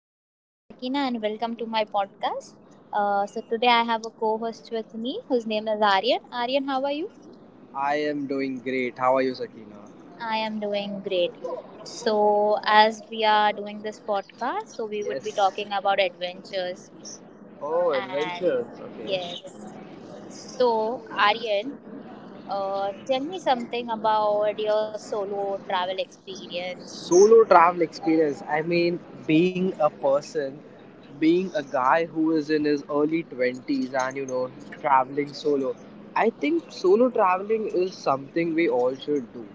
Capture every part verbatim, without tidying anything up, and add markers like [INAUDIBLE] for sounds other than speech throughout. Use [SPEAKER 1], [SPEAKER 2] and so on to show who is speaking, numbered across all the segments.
[SPEAKER 1] my name is Sakina and welcome to my podcast. Uh, so today I have a co-host with me whose name is Aryan. Aryan, how are you?
[SPEAKER 2] I am doing great. How are you, Sakina?
[SPEAKER 1] I am doing great. So as we are doing this podcast, so we would be
[SPEAKER 2] Yes.
[SPEAKER 1] talking about adventures
[SPEAKER 2] Oh,
[SPEAKER 1] and
[SPEAKER 2] adventures. Okay.
[SPEAKER 1] yes. So Aryan, uh, tell me something about your solo travel experience.
[SPEAKER 2] Solo travel experience. I mean, being a person, being a guy who is in his early twenties and, you know, traveling solo. I think solo traveling is something we all should do.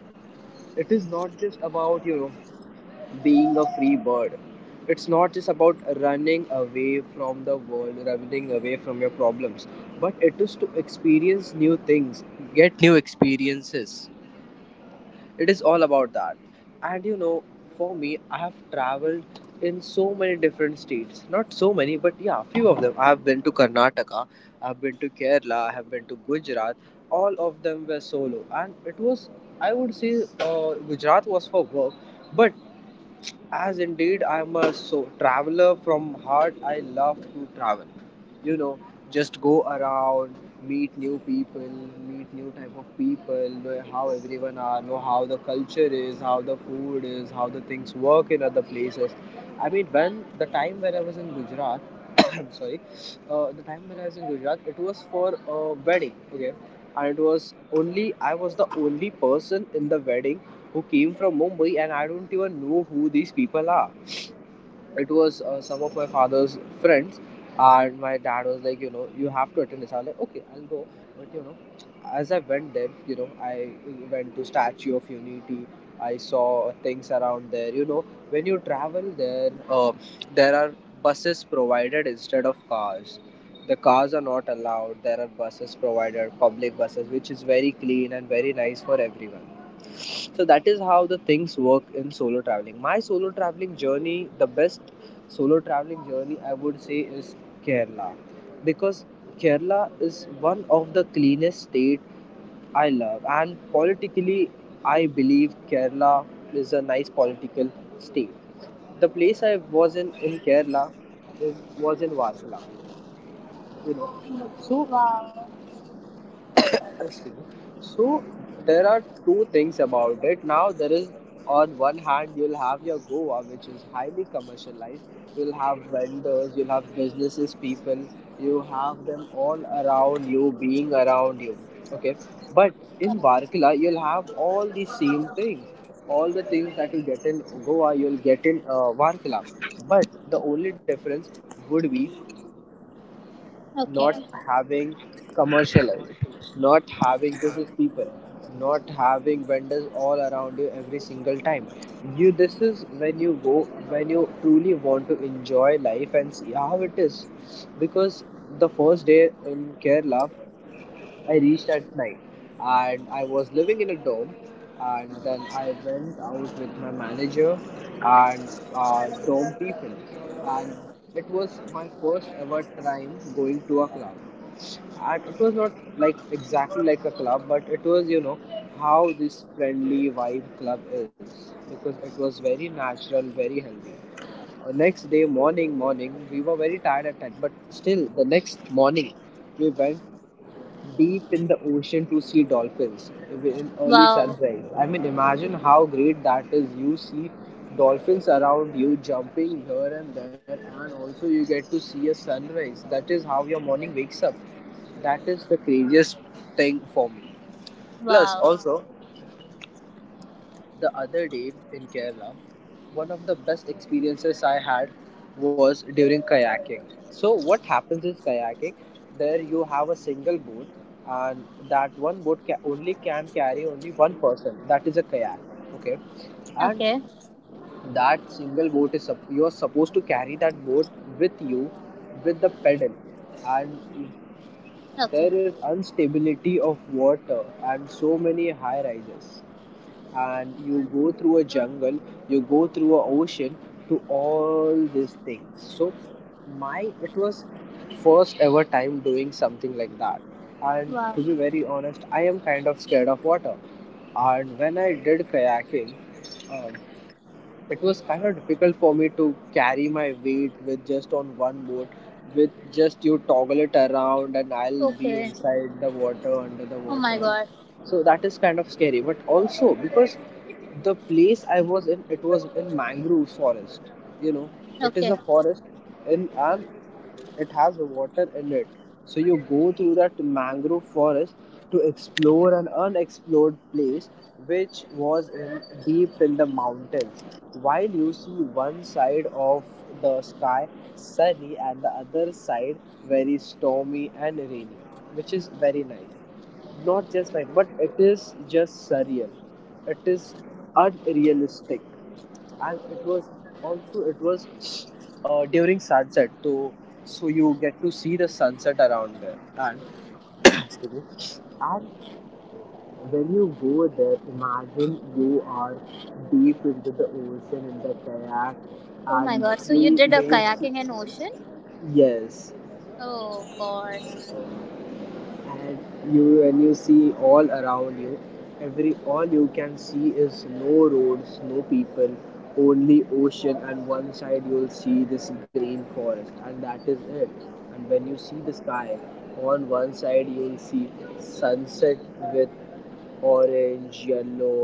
[SPEAKER 2] It is not just about, you know, being a free bird. It's not just about running away from the world, running away from your problems, but it is to experience new things, get new experiences. It is all about that. And you know, for me, I have traveled in so many different states. Not so many, but yeah, few of them. I have been to Karnataka, I have been to Kerala, I have been to Gujarat. All of them were solo, and it was, I would say, uh, Gujarat was for work, but as indeed, I am a so traveler from heart. I love to travel. You know, just go around, meet new people, meet new type of people, know how everyone are, know how the culture is, how the food is, how the things work in other places. I mean, when the time when I was in Gujarat, [COUGHS] I'm sorry, uh, the time when I was in Gujarat, it was for a wedding. Okay, and it was only I was the only person in the wedding who came from Mumbai, and I don't even know who these people are. It was uh, some of my father's friends, and my dad was like, you know, you have to attend this. I was like, okay, I'll go, but you know, as I went there, you know, I went to Statue of Unity. I saw things around there. You know, when you travel there, uh, there are buses provided instead of cars. The cars are not allowed. There are buses provided, public buses, which is very clean and very nice for everyone. So that is how the things work in solo traveling. My solo traveling journey, the best solo traveling journey, I would say, is Kerala, because Kerala is one of the cleanest state I love. And politically, I believe Kerala is a nice political state. The place I was in in Kerala, is was in Varkala, you know so
[SPEAKER 1] Wow.
[SPEAKER 2] I see. So there are two things about it. Now, there is, on one hand, you'll have your Goa, which is highly commercialized. You'll have vendors, you'll have businesses, people. You have them all around you, being around you. Okay. But in Varkala, you'll have all the same things. All the things that you get in Goa, you'll get in uh, Varkala. But the only difference would be
[SPEAKER 1] Okay.
[SPEAKER 2] not having commercialized, not having business people, not having vendors all around you every single time. You This is when you go, when you truly want to enjoy life and see how it is. Because the first day in Kerala, I reached at night, and I was living in a dorm, and then I went out with my manager and uh, dorm people, and it was my first ever time going to a club. And it was not like exactly like a club, but it was, you know how this friendly vibe club is, because it was very natural, very healthy. Uh, next day morning morning, we were very tired at time, but still the next morning we went deep in the ocean to see dolphins in early
[SPEAKER 1] Wow.
[SPEAKER 2] sunrise. I mean, imagine how great that is. You see dolphins around you jumping here and there, and also you get to see a sunrise. That is how your morning wakes up. That is the craziest thing for me. Plus,
[SPEAKER 1] Wow.
[SPEAKER 2] also, the other day in Kerala, one of the best experiences I had was during kayaking. So, what happens is kayaking, there you have a single boat, and that one boat ca- only can carry only one person. That is a kayak, okay? And
[SPEAKER 1] Okay.
[SPEAKER 2] that single boat is sup- you are supposed to carry that boat with you, with the pedal, and
[SPEAKER 1] Okay.
[SPEAKER 2] there is instability of water and so many high rises, and you go through a jungle, you go through a ocean to all these things. So my it was first ever time doing something like that. And
[SPEAKER 1] Wow.
[SPEAKER 2] to be very honest, I am kind of scared of water. And when I did kayaking, um, it was kind of difficult for me to carry my weight with just on one boat, with just you toggle it around, and I'll be
[SPEAKER 1] Okay.
[SPEAKER 2] inside the water under the
[SPEAKER 1] Oh my
[SPEAKER 2] water.
[SPEAKER 1] god.
[SPEAKER 2] So that is kind of scary, but also because the place I was in, it was in mangrove forest. You know it
[SPEAKER 1] Okay.
[SPEAKER 2] is a forest in and it has water in it. So you go through that mangrove forest to explore an unexplored place which was in deep in the mountains. While you see one side of the sky sunny and the other side very stormy and rainy, which is very nice. Not just nice, but it is just surreal. It is unrealistic, and it was also, it was uh, during sunset, so so you get to see the sunset around there and [COUGHS] excuse me, and when you go there, imagine you are deep into the ocean in the kayak,
[SPEAKER 1] Oh my
[SPEAKER 2] and
[SPEAKER 1] god. So you
[SPEAKER 2] you
[SPEAKER 1] did a kayaking
[SPEAKER 2] don't.
[SPEAKER 1] in ocean?
[SPEAKER 2] Yes.
[SPEAKER 1] Oh god.
[SPEAKER 2] And you when you see all around you, every all you can see is no roads, no people, only ocean, and one side you'll see this green forest, and that is it. And when you see the sky, on one side you'll see sunset with orange, yellow,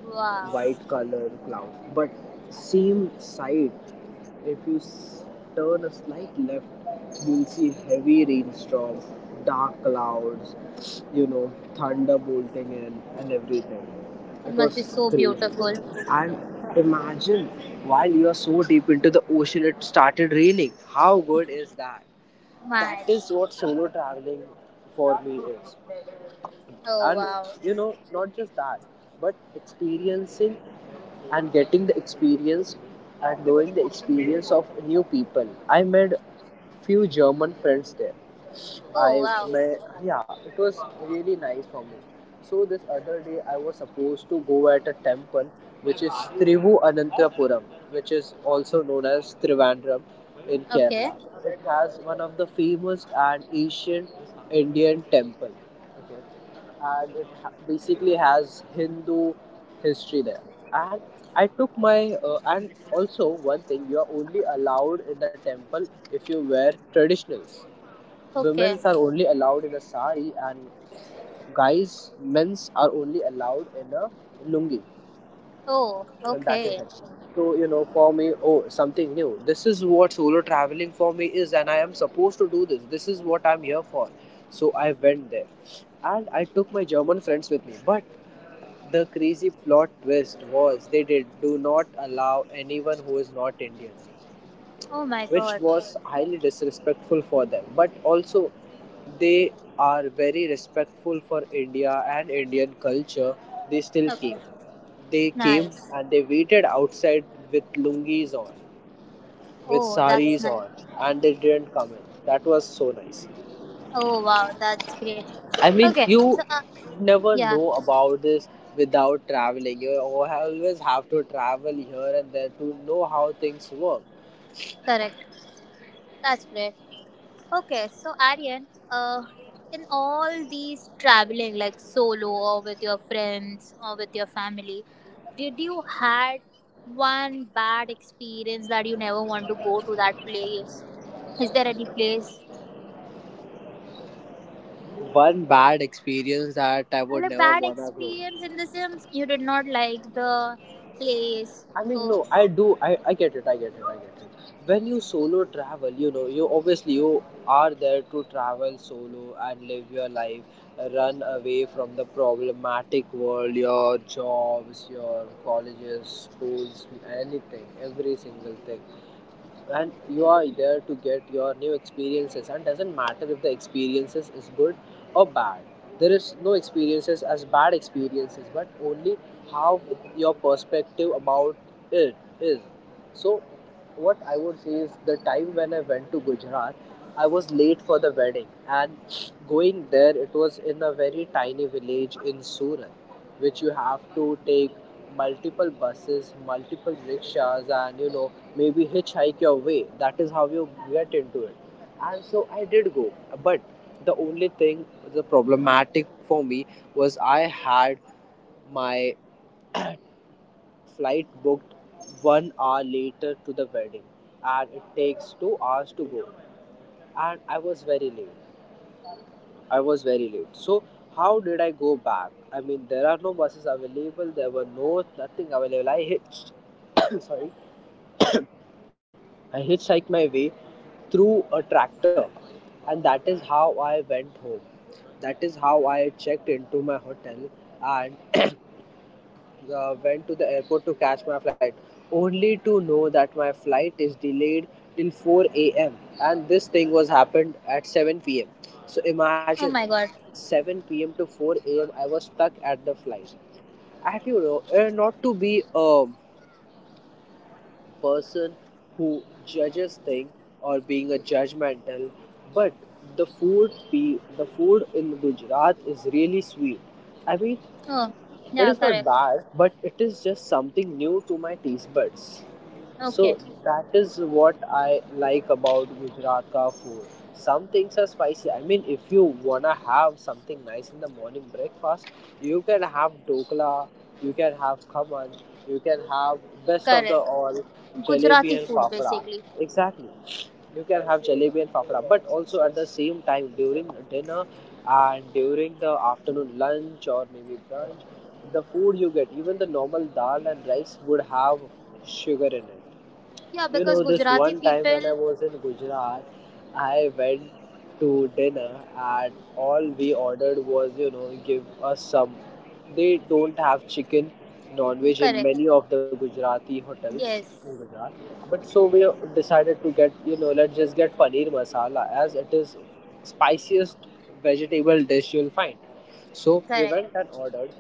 [SPEAKER 1] Wow.
[SPEAKER 2] white color clouds, but same side, if you turn a slight left, you'll see heavy rainstorm, dark clouds, you know, thunder bolting in, and everything.
[SPEAKER 1] It
[SPEAKER 2] It
[SPEAKER 1] must be
[SPEAKER 2] was
[SPEAKER 1] so
[SPEAKER 2] crazy.
[SPEAKER 1] beautiful.
[SPEAKER 2] And imagine, while you are so deep into the ocean, it started raining. How good is that? That
[SPEAKER 1] My.
[SPEAKER 2] is what solo traveling for me is.
[SPEAKER 1] Oh
[SPEAKER 2] And
[SPEAKER 1] wow.
[SPEAKER 2] you know, not just that, but experiencing and getting the experience and knowing the experience of new people. I made few German friends there.
[SPEAKER 1] Oh
[SPEAKER 2] I
[SPEAKER 1] wow.
[SPEAKER 2] met, yeah, it was really nice for me. So this other day, I was supposed to go at a temple which is Trivu Anantapuram, which is also known as Trivandrum in
[SPEAKER 1] Okay.
[SPEAKER 2] Kerala. It has one of the famous and ancient Indian temple. Okay, and it ha- basically has Hindu history there. And I took my uh, and also one thing, you are only allowed in the temple if you wear traditionals.
[SPEAKER 1] Okay.
[SPEAKER 2] Women are only allowed in a sari, and guys, men's are only allowed in a lungi,
[SPEAKER 1] Oh,
[SPEAKER 2] and that
[SPEAKER 1] okay.
[SPEAKER 2] is it. So you know, for me, oh, something new. This is what solo traveling for me is, and I am supposed to do this. This is what I'm here for. So I went there, and I took my German friends with me. But the crazy plot twist was they did do not allow anyone who is not Indian,
[SPEAKER 1] Oh my
[SPEAKER 2] which
[SPEAKER 1] god.
[SPEAKER 2] was highly disrespectful for them. But also, they are very respectful for India and Indian culture. They still
[SPEAKER 1] Okay.
[SPEAKER 2] came. They came,
[SPEAKER 1] Nice.
[SPEAKER 2] and they waited outside with lungis on, with
[SPEAKER 1] Oh, that's
[SPEAKER 2] saris
[SPEAKER 1] nice.
[SPEAKER 2] on, and they didn't come in. That was so nice.
[SPEAKER 1] Oh wow, that's great.
[SPEAKER 2] I
[SPEAKER 1] Okay.
[SPEAKER 2] mean,
[SPEAKER 1] So uh,
[SPEAKER 2] you
[SPEAKER 1] yeah,
[SPEAKER 2] never know about this without traveling. You always have to travel here and there to know how things work.
[SPEAKER 1] correct. That's great. Okay, so Aryan, uh, in all these traveling, like solo or with your friends or with your family, did you had one bad experience that you never want to go to that place? Is there any place?
[SPEAKER 2] One bad experience that I
[SPEAKER 1] Well,
[SPEAKER 2] would
[SPEAKER 1] a
[SPEAKER 2] never
[SPEAKER 1] bad
[SPEAKER 2] wanna go.
[SPEAKER 1] experience in the sense you did not like the place.
[SPEAKER 2] I mean,
[SPEAKER 1] Oh,
[SPEAKER 2] no, I do. I, I get it. I get it. I get it. When you solo travel, you know, you obviously you are there to travel solo and live your life, run away from the problematic world, your jobs, your colleges, schools, anything, every single thing, and you are there to get your new experiences, and doesn't matter if the experiences is good or bad. There is no experiences as bad experiences but only how your perspective about it is. So what I would say is, the time when I went to Gujarat, I was late for the wedding. And going there, it was in a very tiny village in Surat, which you have to take multiple buses, multiple rickshaws, and you know maybe hitchhike your way. That is how you get into it. And so I did go. But the only thing, the problematic for me, was I had my flight booked one hour later to the wedding. And it takes two hours to go. And I was very late. I was very late. So how did I go back? I mean, there are no buses available. There were no nothing available. I hitched. [COUGHS] Sorry, I hitchhiked my way through a tractor. And that is how I went home. That is how I checked into my hotel and uh, went to the airport to catch my flight, only to know that my flight is delayed till four a m. And this thing was happened at seven p m. So
[SPEAKER 1] oh my
[SPEAKER 2] imagine
[SPEAKER 1] god.
[SPEAKER 2] seven p m to four a m. I was stuck at the flight. And you know, uh, not to be um, person who judges thing or being a judgmental, but the food pe- the food in Gujarat is really sweet. I mean,
[SPEAKER 1] Oh, yeah,
[SPEAKER 2] it is
[SPEAKER 1] correct.
[SPEAKER 2] not bad, but it is just something new to my taste buds,
[SPEAKER 1] Okay,
[SPEAKER 2] so that is what I like about Gujarat ka food. Some things are spicy. I mean, if you wanna have something nice in the morning breakfast, you can have dokla, you can have khaman, you can have best of the
[SPEAKER 1] correct.
[SPEAKER 2] all
[SPEAKER 1] Gujarati
[SPEAKER 2] jalebi and
[SPEAKER 1] food
[SPEAKER 2] fafda.
[SPEAKER 1] basically.
[SPEAKER 2] Exactly, you can have jalebi and fafda. But also at the same time during dinner and during the afternoon lunch or maybe brunch, the food you get, even the normal dal and rice would have sugar in it.
[SPEAKER 1] Yeah,
[SPEAKER 2] You
[SPEAKER 1] because
[SPEAKER 2] know, this
[SPEAKER 1] Gujarati
[SPEAKER 2] one time when
[SPEAKER 1] people,
[SPEAKER 2] I was in Gujarat, I went to dinner and all we ordered was, you know, give us some. They don't have chicken, non veg in
[SPEAKER 1] correct.
[SPEAKER 2] many of the Gujarati hotels in
[SPEAKER 1] Yes,
[SPEAKER 2] Gujarat. But so we decided to get, you know, let's just get paneer masala as it is spiciest vegetable dish you'll find. So we
[SPEAKER 1] correct,
[SPEAKER 2] went and ordered.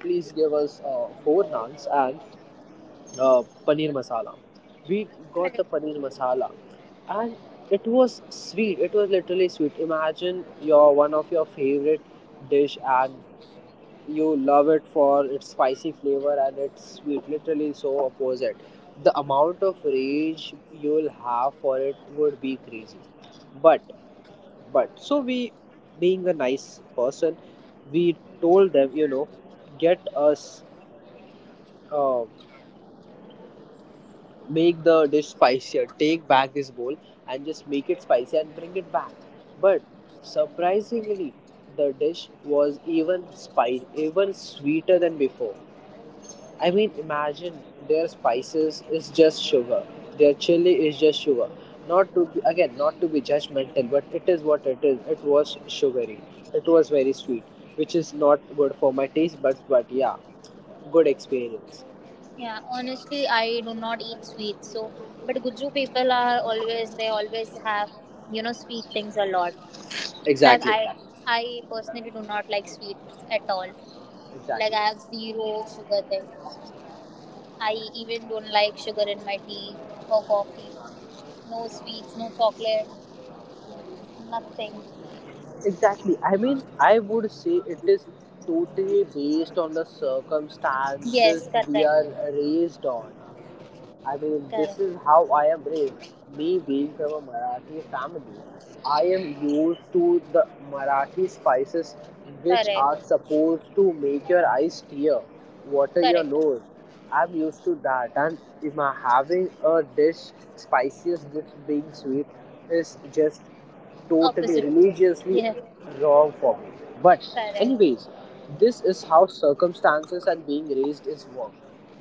[SPEAKER 2] Please give us uh, four naans and uh, paneer masala. We
[SPEAKER 1] correct.
[SPEAKER 2] got the paneer masala, and it was sweet. It was literally sweet. Imagine your one of your favorite dish, and you love it for its spicy flavor and its sweet. Literally, so opposite. The amount of rage you'll have for it would be crazy. But but so we, being a nice person, we told them, you know, get us. Uh, Make the dish spicier. Take back this bowl and just make it spicy and bring it back. But surprisingly, the dish was even spicy, even sweeter than before. I mean, imagine their spices is just sugar. Their chili is just sugar. Not to be, again, not to be judgmental, but it is what it is. It was sugary. It was very sweet, which is not good for my taste buds. But yeah, good experience.
[SPEAKER 1] Yeah, honestly, I do not eat sweets. So, but Guju people are always they always have you know sweet things a lot. Like
[SPEAKER 2] Exactly.
[SPEAKER 1] I, I personally do not like sweets at all. Like
[SPEAKER 2] Exactly.
[SPEAKER 1] I have zero sugar thing. I even don't like sugar in my tea or coffee. No sweets, no chocolate, nothing.
[SPEAKER 2] Exactly. I mean, I would say it is totally based on the circumstances
[SPEAKER 1] Yes, correct,
[SPEAKER 2] we are raised on. I mean,
[SPEAKER 1] correct,
[SPEAKER 2] this is how I am raised. Me being from a Marathi family, I am used to the Marathi spices which are
[SPEAKER 1] correct,
[SPEAKER 2] supposed to make your eyes tear, water your
[SPEAKER 1] correct.
[SPEAKER 2] nose. I'm used to that, and if I'm having a dish, spiciest dish being sweet is just totally
[SPEAKER 1] Opposite.
[SPEAKER 2] religiously
[SPEAKER 1] Yeah,
[SPEAKER 2] wrong for me. But,
[SPEAKER 1] correct,
[SPEAKER 2] anyways, this is how circumstances and being raised is work,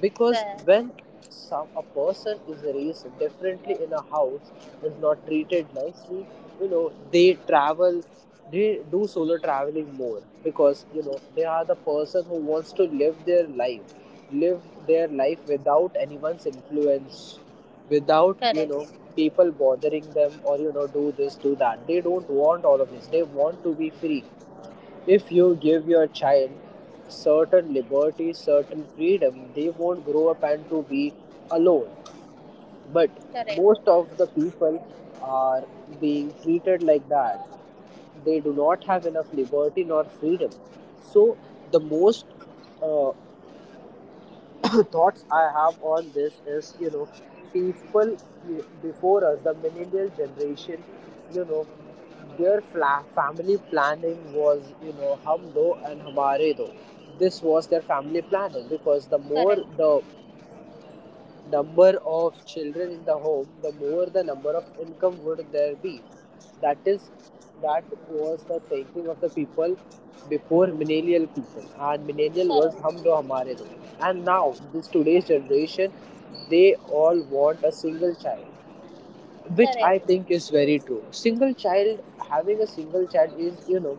[SPEAKER 2] because
[SPEAKER 1] correct,
[SPEAKER 2] when some a person is raised differently in a house, is not treated nicely, you know, they travel, they do solo traveling more, because, you know, they are the person who wants to live their life live their life without anyone's influence, without, you know,
[SPEAKER 1] correct.
[SPEAKER 2] people bothering them or, you know, do this do that, they don't want all of this, they want to be free. If you give your child certain liberty, certain freedom, they won't grow up and to be alone. But
[SPEAKER 1] Correct.
[SPEAKER 2] most of the people are being treated like that. They do not have enough liberty nor freedom. So the most uh, [CLEARS THROAT] thoughts I have on this is, you know, people before us, the millennial generation, you know, their fla- family planning was, you know, hum do and hamare do. This was their family planning because the more
[SPEAKER 1] Correct.
[SPEAKER 2] the number of children in the home, the more the number of income would there be. That is, that was the thinking of the people before millennial people, and millennial was hum do
[SPEAKER 1] Correct.
[SPEAKER 2] hamare do. And now this today's generation, they all want a single child, which I
[SPEAKER 1] Correct.
[SPEAKER 2] think is very true. Single child, having a single child is, you know,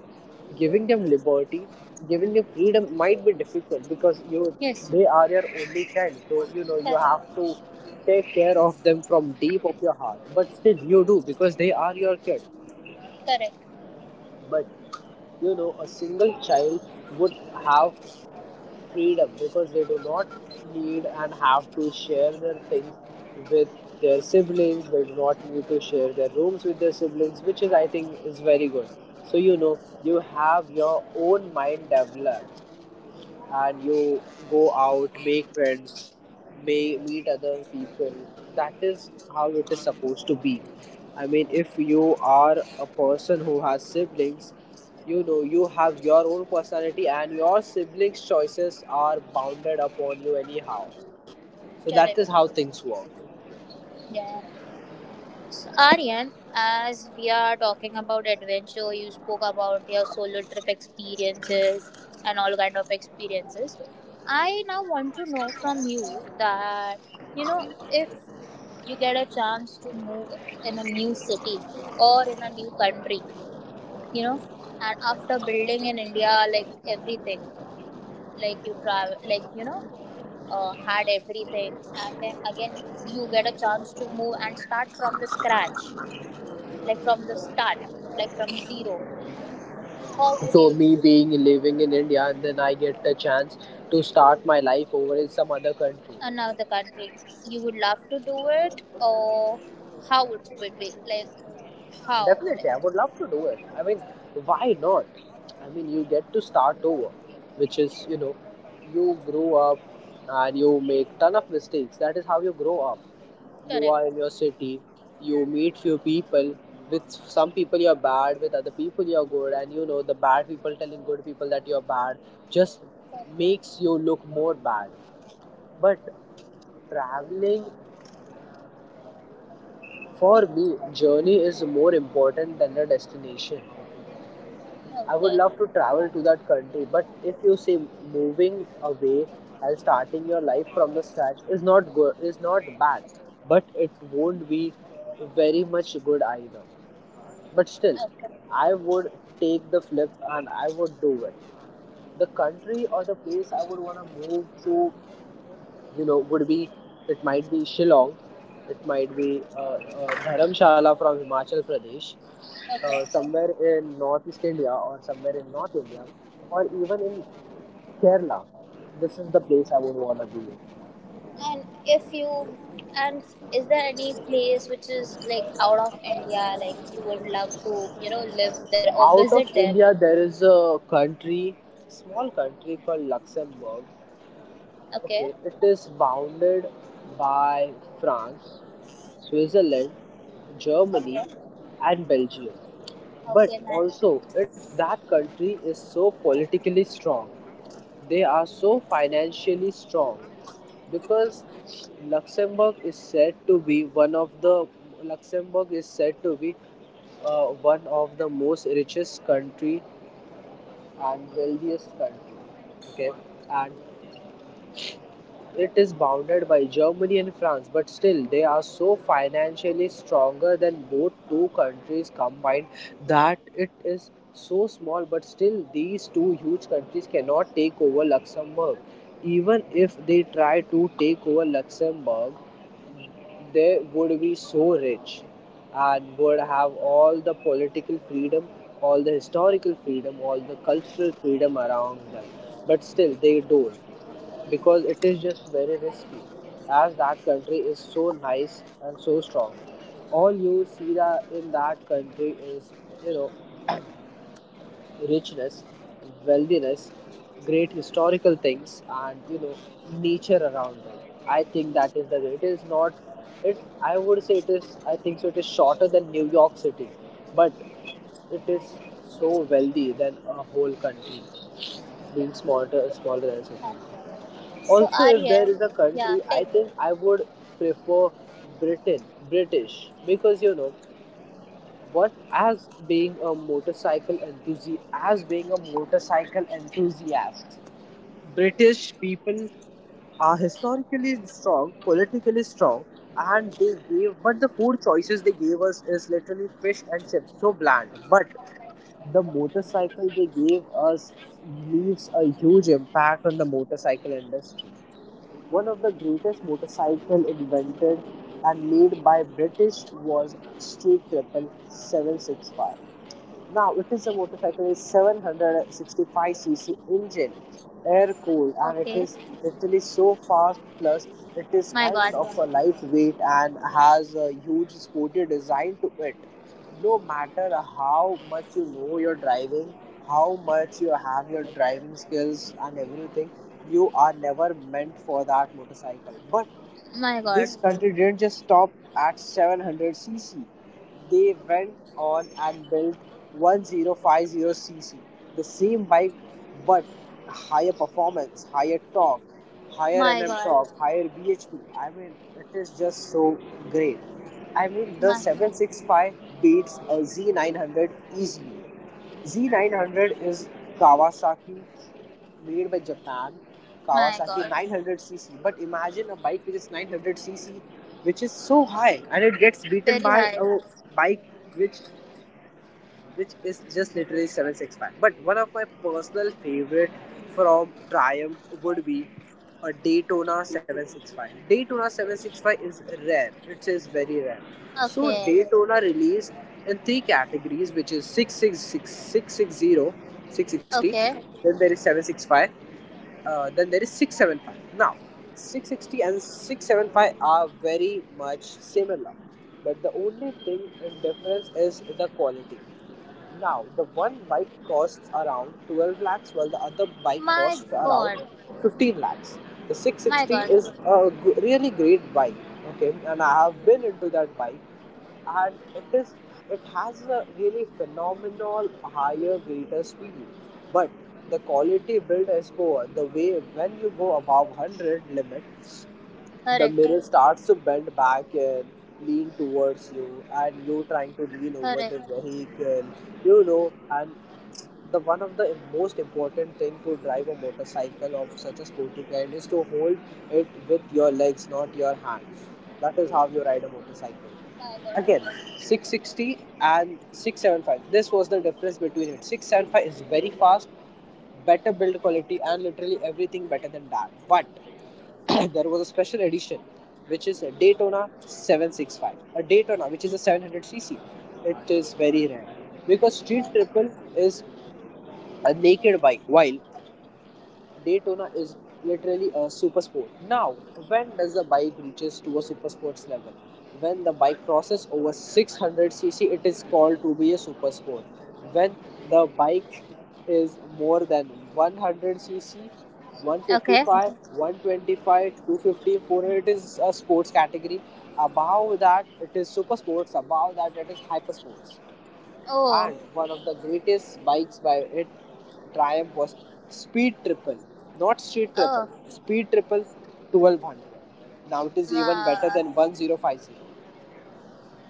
[SPEAKER 2] giving them liberty, giving them freedom might be difficult, because you
[SPEAKER 1] Yes.
[SPEAKER 2] they are your only child. So, you know, you
[SPEAKER 1] Correct.
[SPEAKER 2] have to take care of them from deep of your heart. But still you do, because they are your kid.
[SPEAKER 1] Correct.
[SPEAKER 2] But, you know, a single child would have freedom because they do not need and have to share their things with their siblings, they do not need to share their rooms with their siblings, which is, I think, is very good. So, you know, you have your own mind developed, and you go out, make friends, may meet other people. That is how it is supposed to be. I mean, if you are a person who has siblings, you know you have your own personality, and your siblings' choices are bounded upon you anyhow. So that is
[SPEAKER 1] Correct.
[SPEAKER 2] how things work.
[SPEAKER 1] Yeah. So Aryan, as we are talking about adventure, you spoke about your solo trip experiences and all kind of experiences. I now want to know from you that you know if you get a chance to move in a new city or in a new country, you know, and after building in India, like everything, like you travel, like you know, uh, had everything and then again you get a chance to move and start from the scratch, like from the start, like from zero, how would
[SPEAKER 2] So
[SPEAKER 1] you,
[SPEAKER 2] me being living in India, and then I get the chance to start my life over in some other country.
[SPEAKER 1] another country, you would love to do it, or how would it be like, how like,
[SPEAKER 2] Definitely, I would love to do it. I mean, why not? I mean, you get to start over, which is, you know, you grow up and you make ton of mistakes. That is how you grow up. You
[SPEAKER 1] correct,
[SPEAKER 2] are in your city, you meet few people. With some people you're bad, with other people you're good, and you know the bad people telling good people that you're bad just
[SPEAKER 1] correct,
[SPEAKER 2] makes you look more bad. But traveling, for me, journey is more important than the destination. I
[SPEAKER 1] okay,
[SPEAKER 2] would love to travel to that country, but if you say moving away and starting your life from the scratch is not good, is not bad, but it won't be very much good either. But still,
[SPEAKER 1] okay,
[SPEAKER 2] I would take the flip and I would do it. The country or the place I would want to move to, you know, would be, it might be Shillong, it might be uh, uh, Dharamshala from Himachal Pradesh, uh,
[SPEAKER 1] okay.
[SPEAKER 2] somewhere in northeast India or somewhere in North India, or even in Kerala. This is the place I would want to be in.
[SPEAKER 1] And if you, and is there any place which is like out of India, like you would love to you know live there or
[SPEAKER 2] Out
[SPEAKER 1] visit
[SPEAKER 2] of
[SPEAKER 1] there?
[SPEAKER 2] India, there is a country, small country called Luxembourg.
[SPEAKER 1] Okay.
[SPEAKER 2] Okay, it is bounded by France, Switzerland,
[SPEAKER 1] Okay,
[SPEAKER 2] Germany, and
[SPEAKER 1] Okay,
[SPEAKER 2] Belgium.
[SPEAKER 1] nice.
[SPEAKER 2] But also it that country is so politically strong, they are so financially strong, because luxembourg is said to be one of the Luxembourg is said to be uh, one of the most richest country and wealthiest country, okay, and it is bounded by Germany and France, but still, they are so financially stronger than both two countries combined, that it is so small, but still, these two huge countries cannot take over Luxembourg. Even if they try to take over Luxembourg, they would be so rich and would have all the political freedom, all the historical freedom, all the cultural freedom around them. But still, they don't, because it is just very risky, as that country is so nice and so strong. All you see that in that country is, you know, richness, wealthiness, great historical things, and, you know, nature around them. I think that is the way it is. Not it, I would say it is, I think so, it is shorter than New York City, but it is so wealthy than a whole country, being smaller smaller than a
[SPEAKER 1] Yeah.
[SPEAKER 2] city.
[SPEAKER 1] So
[SPEAKER 2] Also, if there
[SPEAKER 1] Arya,
[SPEAKER 2] is a
[SPEAKER 1] yeah,
[SPEAKER 2] country,
[SPEAKER 1] tell
[SPEAKER 2] I
[SPEAKER 1] me.
[SPEAKER 2] think I would prefer Britain, British, because, you know what? As being a motorcycle enthusiast, as being a motorcycle enthusiast, British people are historically strong, politically strong, and they gave. But the food choices they gave us is literally fish and chips, so bland. But the motorcycle they gave us leaves a huge impact on the motorcycle industry. One of the greatest motorcycles invented and made by British was Street Triple Seven Six Five. Now, it is a motorcycle, it's seven sixty-five c c engine, air cooled, and it
[SPEAKER 1] Okay,
[SPEAKER 2] is literally so fast. Plus, it is
[SPEAKER 1] my
[SPEAKER 2] kind
[SPEAKER 1] God,
[SPEAKER 2] of a lightweight and has a huge sporty design to it. No matter how much you know your driving, how much you have your driving skills, and everything, you are never meant for that motorcycle. But
[SPEAKER 1] my
[SPEAKER 2] this
[SPEAKER 1] God,
[SPEAKER 2] country didn't just stop at seven hundred c c. They went on and built one thousand fifty c c, the same bike but higher performance, higher torque, higher
[SPEAKER 1] my
[SPEAKER 2] N M
[SPEAKER 1] God,
[SPEAKER 2] torque, higher B H P. I mean, it is just so great. I mean, the
[SPEAKER 1] my
[SPEAKER 2] seven sixty-five beats a Z nine hundred easily. Z nine hundred is Kawasaki made by Japan,
[SPEAKER 1] my
[SPEAKER 2] Kawasaki
[SPEAKER 1] God,
[SPEAKER 2] nine hundred c c. But imagine a bike which is nine hundred c c, which is so high, and it gets beaten
[SPEAKER 1] very
[SPEAKER 2] by
[SPEAKER 1] high.
[SPEAKER 2] a bike which which is just literally seven sixty-five. But one of my personal favorite from Triumph would be a Daytona seven sixty-five. Daytona seven sixty-five is rare. It is very rare. So
[SPEAKER 1] Okay,
[SPEAKER 2] Daytona released in three categories, which is six sixty-six, six sixty.
[SPEAKER 1] okay,
[SPEAKER 2] Then there is seven sixty-five uh, then there is six seventy-five. Now, 660 and 675 are very much similar, but the only thing in difference is the quality. Now, the one bike costs around twelve lakhs, while the other bike
[SPEAKER 1] my
[SPEAKER 2] costs around
[SPEAKER 1] God,
[SPEAKER 2] fifteen lakhs. The
[SPEAKER 1] my
[SPEAKER 2] six sixty
[SPEAKER 1] God,
[SPEAKER 2] is a really great bike, okay, and I have been into that bike, and it is it has a really phenomenal higher greater speed, but the quality build is poor. The way when you go above one hundred limit, the
[SPEAKER 1] hurry,
[SPEAKER 2] mirror starts to bend back and lean towards you and you trying to lean over
[SPEAKER 1] hurry,
[SPEAKER 2] the vehicle, you know and the one of the most important thing to drive a motorcycle of such a sporty kind is to hold it with your legs, not your hands. That is how you ride a motorcycle.
[SPEAKER 1] my God.
[SPEAKER 2] Again, 660 and 675. This was the difference between it. six seventy five is very fast, better build quality, and literally everything better than that. But [CLEARS THROAT] there was a special edition, which is a Daytona seven hundred sixty five. A Daytona, which is a seven hundred c c. It is very rare because
[SPEAKER 1] Oh
[SPEAKER 2] Street
[SPEAKER 1] my.
[SPEAKER 2] Triple is a naked bike, while Daytona is literally a super sport. Now, when does the bike reaches to a super sports level? When the bike crosses over six hundred cc, it is called to be a super sport. When the bike is more than one hundred cc,
[SPEAKER 1] Okay.
[SPEAKER 2] one fifty five, one twenty five, two fifty, four hundred, it is a sports category. Above that, it is super sports. Above that, it is hyper sports.
[SPEAKER 1] Oh,
[SPEAKER 2] And one of the greatest bikes by it, Triumph, was Speed Triple, not Street Triple,
[SPEAKER 1] oh,
[SPEAKER 2] Speed Triple twelve hundred. Now it is even
[SPEAKER 1] my.
[SPEAKER 2] better than one thousand fifty.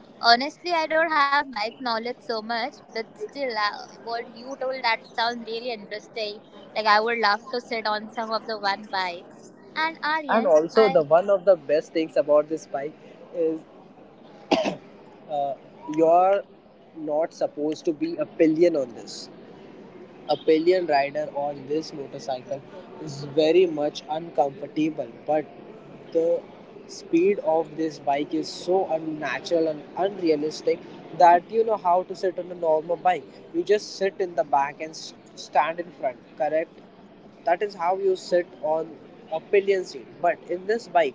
[SPEAKER 1] Honestly, I don't have bike knowledge so much, but still, uh, what you told that sounds really interesting. Like I would love to sit on some of the one bike. And
[SPEAKER 2] And
[SPEAKER 1] Aryan,
[SPEAKER 2] also,
[SPEAKER 1] I
[SPEAKER 2] the one of the best things about this bike is uh, you're not supposed to be a pillion on this. Appalachian rider on this motorcycle is very much uncomfortable, but the speed of this bike is so unnatural and unrealistic that you know how to sit on a normal bike. You just sit in the back and s- stand in front, correct? That is how you sit on a pillion seat. But in this bike,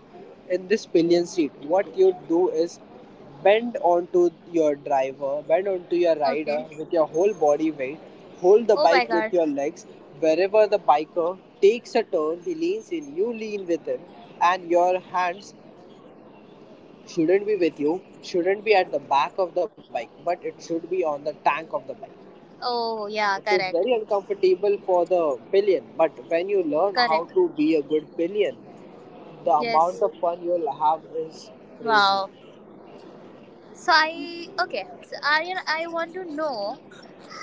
[SPEAKER 2] in this pillion seat, what you do is bend onto your driver, bend onto your rider
[SPEAKER 1] okay.
[SPEAKER 2] with your whole body weight, hold the
[SPEAKER 1] Oh
[SPEAKER 2] bike
[SPEAKER 1] my
[SPEAKER 2] with
[SPEAKER 1] god.
[SPEAKER 2] your legs. Wherever the biker takes a turn, he leans in, you lean with him, and your hands shouldn't be with you, shouldn't be at the back of the bike, but it should be on the tank of the bike.
[SPEAKER 1] Oh yeah,
[SPEAKER 2] It is
[SPEAKER 1] correct,
[SPEAKER 2] very uncomfortable for the pillion, but when you learn
[SPEAKER 1] correct.
[SPEAKER 2] how to be a good pillion, the
[SPEAKER 1] Yes.
[SPEAKER 2] amount of fun you'll have is crazy.
[SPEAKER 1] Wow. So I okay. So Aryan, I want to know,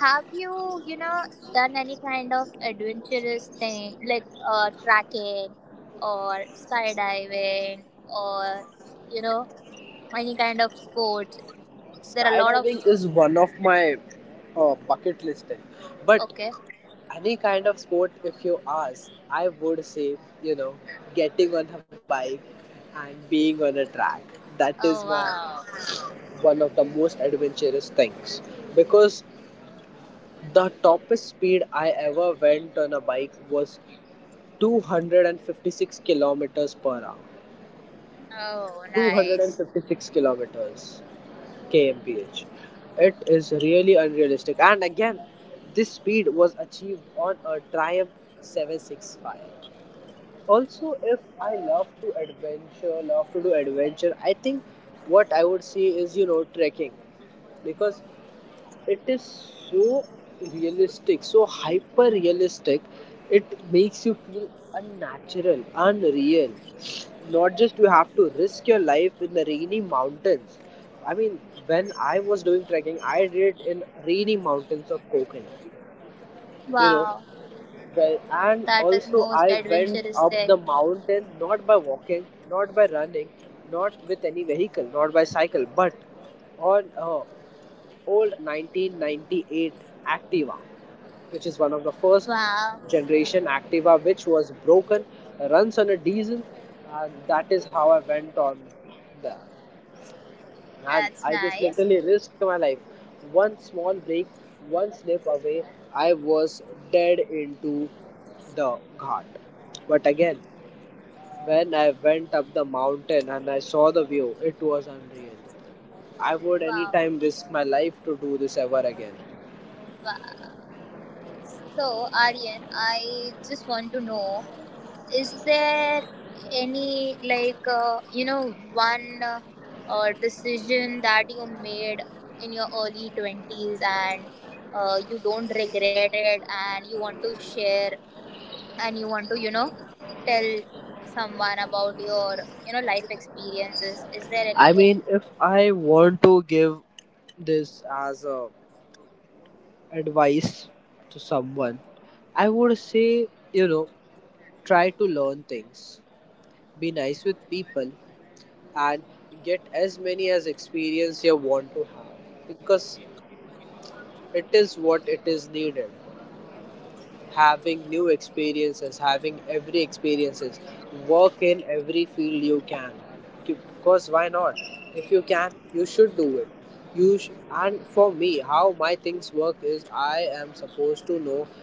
[SPEAKER 1] have you you know done any kind of adventurous thing like uh, tracking or skydiving or you know any kind of sport? There are a lot of
[SPEAKER 2] Skydiving is one of my uh, bucket list, thing. But
[SPEAKER 1] okay.
[SPEAKER 2] any kind of sport, if you ask, I would say, you know, getting on a bike and being on a track. That is
[SPEAKER 1] Oh
[SPEAKER 2] my
[SPEAKER 1] wow!
[SPEAKER 2] one of the most adventurous things because the topest speed I ever went on a bike was two hundred fifty six kilometers per hour.
[SPEAKER 1] Oh nice!
[SPEAKER 2] two hundred fifty six kilometers, kmph. It is really unrealistic, and again, this speed was achieved on a Triumph seven sixty five. Also, if I love to adventure love to do adventure, I think what I would see is you know trekking, because it is so realistic, so hyper realistic, it makes you feel unnatural, unreal. Not just you have to risk your life in the rainy mountains. I mean, when I was doing trekking, I did in rainy mountains of Konkan,
[SPEAKER 1] Wow,
[SPEAKER 2] you know
[SPEAKER 1] that is
[SPEAKER 2] well,
[SPEAKER 1] most
[SPEAKER 2] and also
[SPEAKER 1] adventurous
[SPEAKER 2] I
[SPEAKER 1] thing.
[SPEAKER 2] went up the mountain not by walking, not by running, not with any vehicle, not by cycle, but on uh, old nineteen ninety eight Activa, which is one of the
[SPEAKER 1] Wow,
[SPEAKER 2] first generation Activa, which was broken, runs on a diesel, and that is how I went on that,
[SPEAKER 1] that's
[SPEAKER 2] and
[SPEAKER 1] nice.
[SPEAKER 2] I just literally risked my life. One small break, one slip away, I was dead into the ghat. But again, when I went up the mountain and I saw the view, it was unreal. I
[SPEAKER 1] Wow,
[SPEAKER 2] would anytime risk my life to do this ever again.
[SPEAKER 1] wow. So Aryan, I just want to know is there any like uh, you know one uh, uh, decision that you made in your early twenties and uh, you don't regret it and you want to share and you want to you know tell someone about your you know life experiences, is there
[SPEAKER 2] I
[SPEAKER 1] anything,
[SPEAKER 2] mean, if I want to give this as a advice to someone, I would say, you know, try to learn things. Be nice with people and get as many as experience you want to have, because it is what it is needed. Having new experiences, having every experiences, work in every field you can. Because why not? If you can, you should do it. You sh- and for me, how my things work is I am supposed to know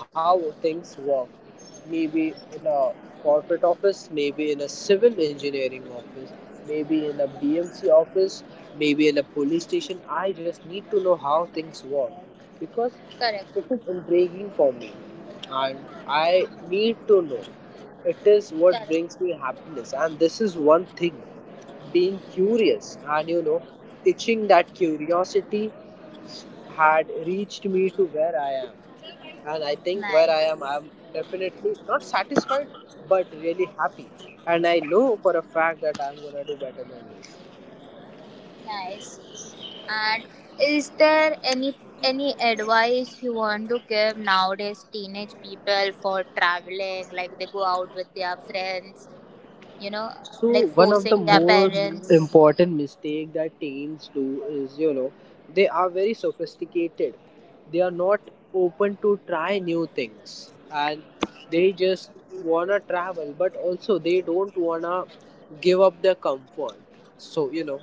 [SPEAKER 2] how things work. Maybe in a corporate office, maybe in a civil engineering office, maybe in a B M C office, maybe in a police station. I just need to know how things work because
[SPEAKER 1] correct,
[SPEAKER 2] it is intriguing for me, and I need to know. It is what
[SPEAKER 1] correct,
[SPEAKER 2] brings me happiness, and this is one thing. Being curious and you know, itching that curiosity had reached me to where I am. And I think where I am,
[SPEAKER 1] nice.
[SPEAKER 2] I'm definitely not satisfied but really happy. And I know for a fact that I'm gonna do better than this.
[SPEAKER 1] Nice. And is there any any advice you want to give nowadays teenage people for traveling? Like they go out with their friends, you know,
[SPEAKER 2] So
[SPEAKER 1] like
[SPEAKER 2] one of the
[SPEAKER 1] forcing their
[SPEAKER 2] most
[SPEAKER 1] parents.
[SPEAKER 2] important mistake that teens do is you know they are very sophisticated. They are not open to try new things, and they just wanna travel, but also they don't wanna give up their comfort. So you know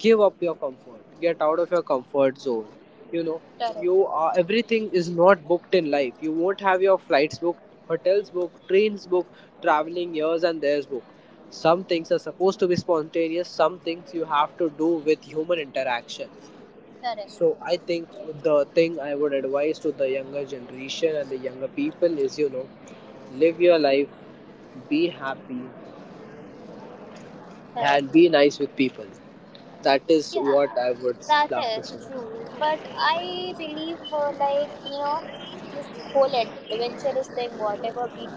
[SPEAKER 2] give up your comfort. Get out of your comfort zone. You know
[SPEAKER 1] Correct.
[SPEAKER 2] you are everything is not booked in life. You won't have your flights booked, hotels booked, trains booked, traveling years and there's booked. Some things are supposed to be spontaneous, some things you have to do with human interaction.
[SPEAKER 1] Correct.
[SPEAKER 2] So I think the thing I would advise to the younger generation and the younger people is you know, live your life, be happy, and
[SPEAKER 1] Correct.
[SPEAKER 2] be nice with people. That is what
[SPEAKER 1] Yeah,
[SPEAKER 2] I would
[SPEAKER 1] that
[SPEAKER 2] love to say.
[SPEAKER 1] is true. But I believe, uh, like you know, this whole adventurous thing, whatever we do,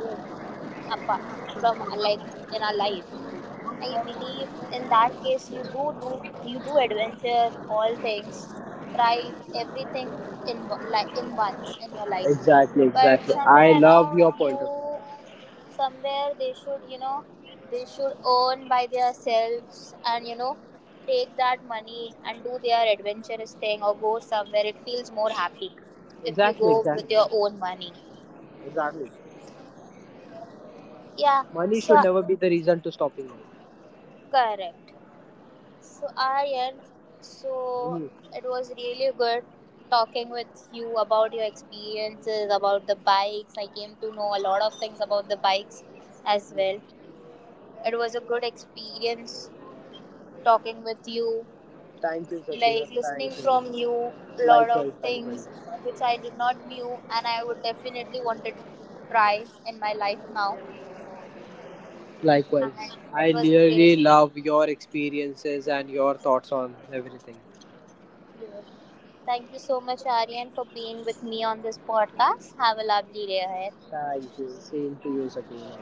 [SPEAKER 1] apart from uh, like in our life, I believe in that case you do do you do adventure all things, try everything in wo- like in once in your life.
[SPEAKER 2] Exactly,
[SPEAKER 1] But
[SPEAKER 2] exactly. I
[SPEAKER 1] somewhere
[SPEAKER 2] love
[SPEAKER 1] around
[SPEAKER 2] your
[SPEAKER 1] you,
[SPEAKER 2] point of view.
[SPEAKER 1] somewhere they should you know they should earn by themselves and you know take that money and do their adventurous thing or go somewhere. It feels more happy if you
[SPEAKER 2] Exactly,
[SPEAKER 1] go with
[SPEAKER 2] exactly,
[SPEAKER 1] your own money.
[SPEAKER 2] exactly.
[SPEAKER 1] Yeah.
[SPEAKER 2] Money
[SPEAKER 1] So
[SPEAKER 2] should never be the reason to stopping you.
[SPEAKER 1] correct. So Aryan, so
[SPEAKER 2] Mhm.
[SPEAKER 1] it was really good talking with you about your experiences, about the bikes. I came to know a lot of things about the bikes as well. It was a good experience talking with you,
[SPEAKER 2] Thank you, Sakina.
[SPEAKER 1] like
[SPEAKER 2] Thank
[SPEAKER 1] listening
[SPEAKER 2] you.
[SPEAKER 1] from you a lot of
[SPEAKER 2] Likewise, likewise.
[SPEAKER 1] things which I did not knew and I would definitely want to try in my life now. And
[SPEAKER 2] Likewise. I
[SPEAKER 1] it was great.
[SPEAKER 2] really love your experiences and your thoughts on everything.
[SPEAKER 1] Yes. Thank you so much, Aryan, for being with me on this podcast. Have a lovely day ahead.
[SPEAKER 2] Thank you. Same to you, Sakina.